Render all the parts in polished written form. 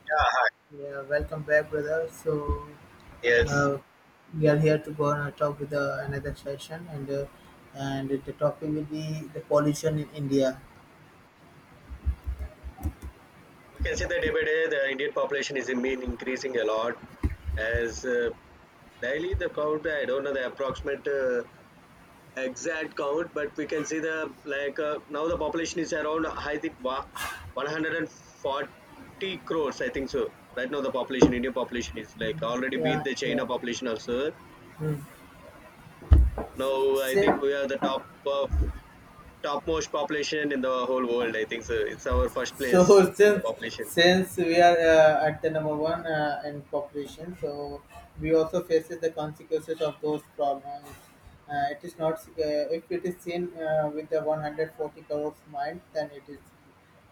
Yeah, hi. Yeah, welcome back, brother. So, Yes, uh, we are here to go on a talk with another session, and the topic will be the pollution in India. we can see that day by day the Indian population is in mean increasing a lot. As daily the count, I don't know the approximate exact count, but we can see the now the population is around I think 140 crores, I think so. Right now the population, Indian population is like already beat Yeah, the yeah. China population also. Hmm. Now I think So, we are the top of topmost population in the whole world, I think so. It's our first So place in the since population since we are at the number one in population, so we also faces the consequences of those problems. It is not if it is seen with the 140 crores mind, then it is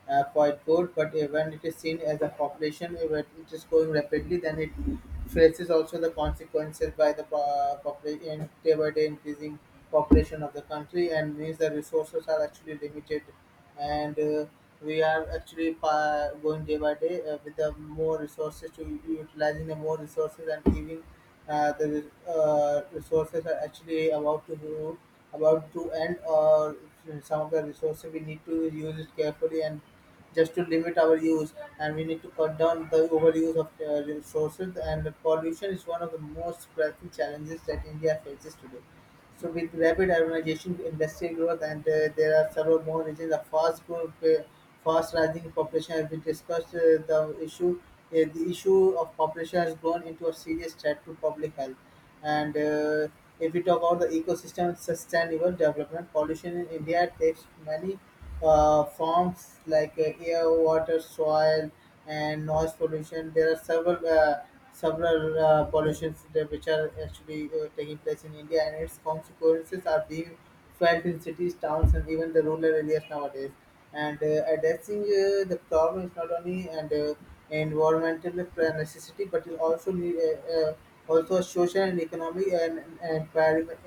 quite good. But when it is seen as a population, when it is growing rapidly, then it faces also the consequences by the population day by day increasing population of the country, and means the resources are actually limited and we are actually going day by day with the more resources to utilizing the more resources and giving the resources are actually about to go, about to end or some of the resources we need to use it carefully and just to limit our use and we need to cut down the overuse of resources and pollution is one of the most pressing challenges that India faces today. So with rapid urbanization, industrial growth, and there are several more regions of fast growth, fast rising population. As we discussed, the issue, the issue of population has grown into a serious threat to public health. And if we talk about the ecosystem sustainable development, pollution in India takes many forms like air, water, soil and noise pollution. There are several pollutions that which are actually taking place in India, and its consequences are being felt in cities, towns, and even the rural areas nowadays. And addressing the problem is not only and environmental necessity, but it also need, also a social and economic and environment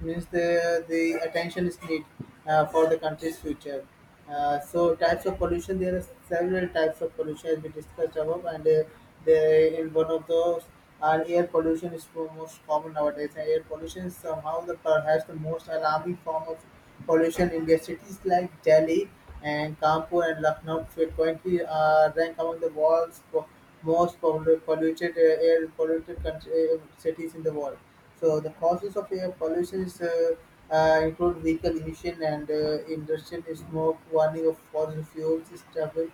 means the attention is needed for the country's future. So types of pollution there are several types of pollution as we discussed above and the in one of those are air pollution is the most common nowadays and air pollution is somehow the perhaps the most alarming form of pollution in their cities like Delhi and Kanpur and Lucknow frequently rank among the world's most polluted air polluted country, cities in the world. So the causes of air pollution is, include vehicle emission and industrial smoke, burning of fossil fuels, is travel,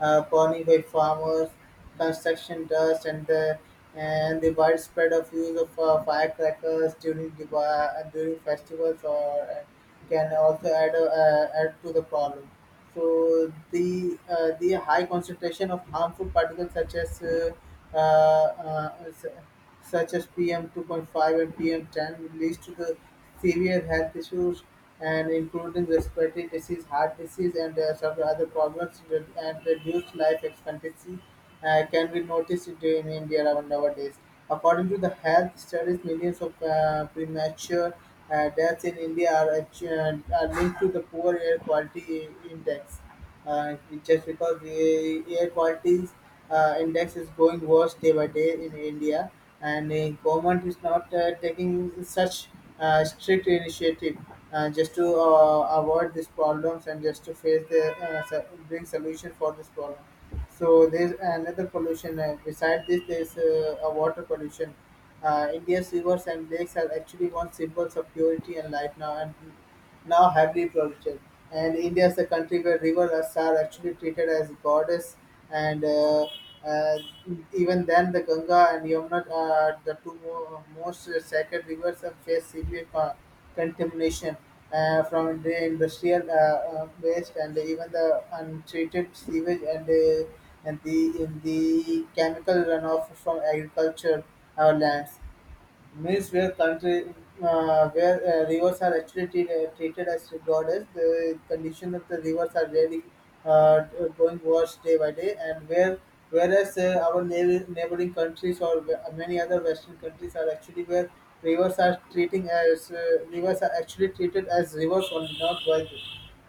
burning by farmers, construction dust, and the widespread of use of firecrackers during during festivals or can also add add to the problem. So the the high concentration of harmful particles uh, uh, s- such as PM 2.5 and PM10 leads to the severe health issues and including respiratory disease, heart disease, and several other problems and reduced life expectancy can be noticed in India nowadays. According to the health studies, millions of premature deaths in India are linked to the poor air quality index. Uh, just because the air quality index is going worse day by day in India, and the government is not taking such strict initiative just to avoid these problems and just to face the bring solution for this problem so there's another pollution. Beside this, there's a water pollution. India's rivers and lakes are actually once symbols of purity and life now, and now heavily polluted. And India is a country where rivers are actually treated as goddess and uh, even then, the Ganga and Yamuna, the two most sacred rivers, have faced severe contamination from the industrial waste and even the untreated sewage and and the in the chemical runoff from agriculture our lands. Means where country where rivers are actually treated as goddess, the condition of the rivers are really uh, going worse day by day, and where whereas our neighboring countries or many other Western countries are actually where rivers are treating as rivers are actually treated as rivers only, not by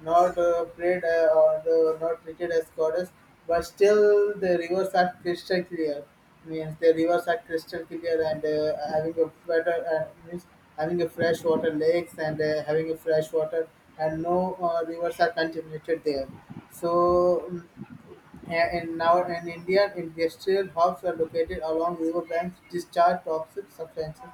not prayed or not treated as goddess, but still the rivers are crystal clear. Means the rivers are crystal clear and having a better means having a fresh water lakes and having a fresh water and no rivers are contaminated there. So mm, and now in India, industrial hubs are located along river banks, discharge toxic substances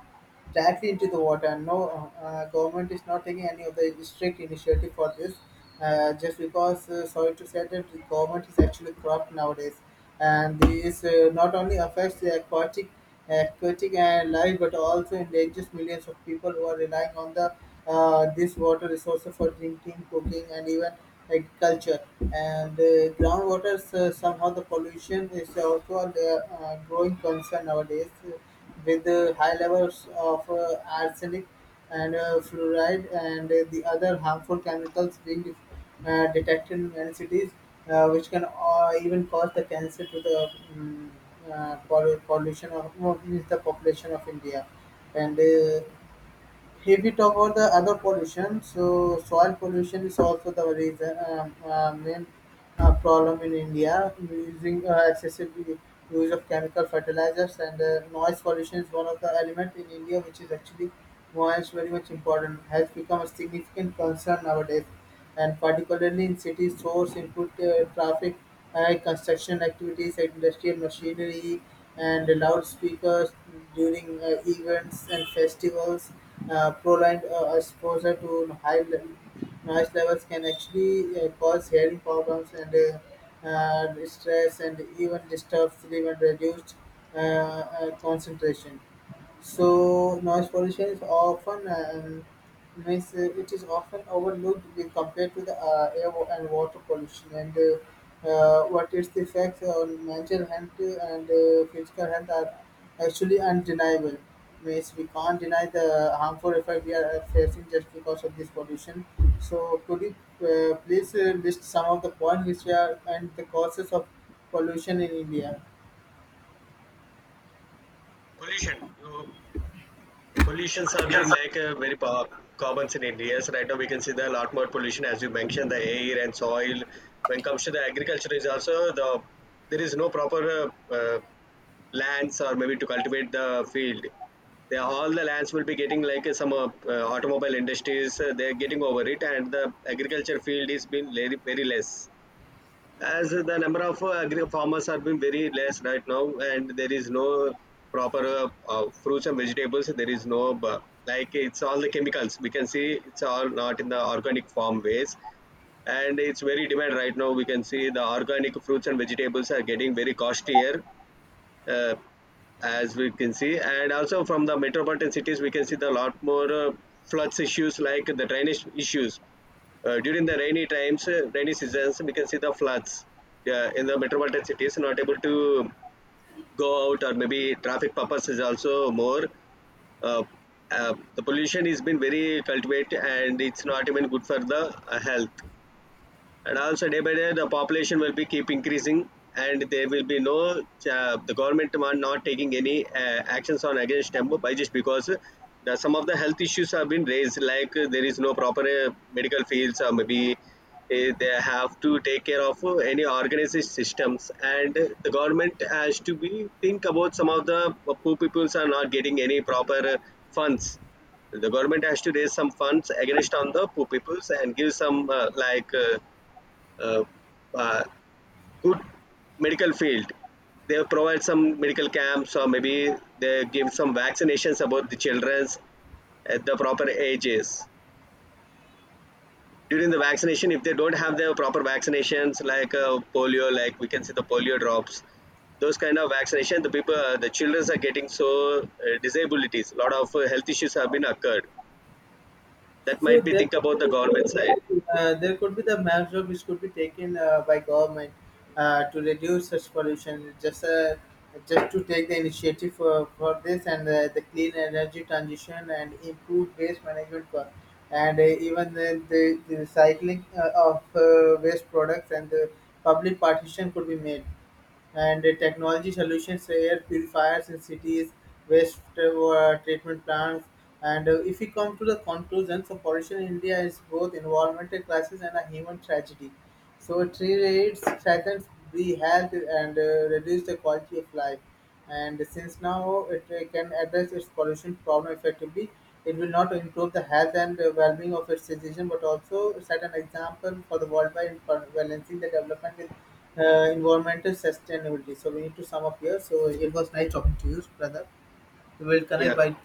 directly into the water. No, government is not taking any of the strict initiative for this. Just because, sorry to say that the government is actually corrupt nowadays, and this not only affects the aquatic and life, but also endangers millions of people who are relying on the this water resources for drinking, cooking, and even agriculture. And groundwater, somehow the pollution is also a growing concern nowadays with high levels of arsenic and fluoride and the other harmful chemicals being detected in many cities, which can even cause the cancer to the pollution of well, the population of India. And if we talk about the other pollution, so soil pollution is also the reason, main problem in India. Using excessive use of chemical fertilizers and noise pollution is one of the element in India which is actually noise very much important has become a significant concern nowadays, and particularly in cities, source input traffic, high construction activities, industrial machinery, and loudspeakers during events and festivals prolonged exposure to noise levels can actually cause hearing problems and stress and even disturb sleep and reduced concentration. So noise pollution is often it is often overlooked when compared to the air and water pollution and what its effects on mental health and physical health are actually undeniable. Means we can't deny the harmful effect we are facing just because of this pollution. So could you please list some of the points which are and the causes of pollution in India? pollution. The pollutions have been very common in India. So right now we can see there are a lot more pollution as you mentioned, the air and soil. When it comes to the agriculture is also the there is no proper lands or maybe to cultivate the field. They, all the lands will be getting some automobile industries. They're getting over it, and the agriculture field is been very less as the number of agri farmers are being very less right now, and there is no proper fruits and vegetables. There is no like it's all the chemicals, we can see it's all not in the organic farm ways, and it's very demand right now. We can see the organic fruits and vegetables are getting very costlier, uh, as we can see. And also from the metropolitan cities, we can see the lot more floods issues like the drainage issues during the rainy times, rainy seasons we can see the floods in the metropolitan cities, not able to go out, or maybe traffic purpose is also more, uh, the pollution has been very cultivated, and it's not even good for the health. And also day by day the population will be keep increasing, and there will be no, the government are not taking any actions on against them, by just because the, some of the health issues have been raised, there is no proper medical fields, or maybe they have to take care of any organized systems. And the government has to be think about some of the poor peoples are not getting any proper funds. The government has to raise some funds against on the poor peoples and give some uh, uh, good medical field. They provide some medical camps, or maybe they give some vaccinations about the childrens at the proper ages. During the vaccination, if they don't have the proper vaccinations polio, like we can see the polio drops, those kind of vaccination, the people, the childrens are getting so disabilities. A lot of health issues have been occurred. That So might be think about the government side. There could be the measure which could be taken by government to reduce such pollution. Just to take the initiative for this and the clean energy transition and improve waste management for, and even the recycling of waste products and the public partition could be made and technology solutions, air purifiers in cities, waste treatment plants. And if we come to the conclusions of pollution in India is both environmental crisis and a human tragedy. So it relates, threatens the health and reduce the quality of life. And since now it can address its pollution problem effectively, it will not improve the health and well-being of its citizens, but also set an example for the worldwide by balancing the development with environmental sustainability. So we need to sum up here. So it was nice talking to you, brother. We will connect Yeah. by.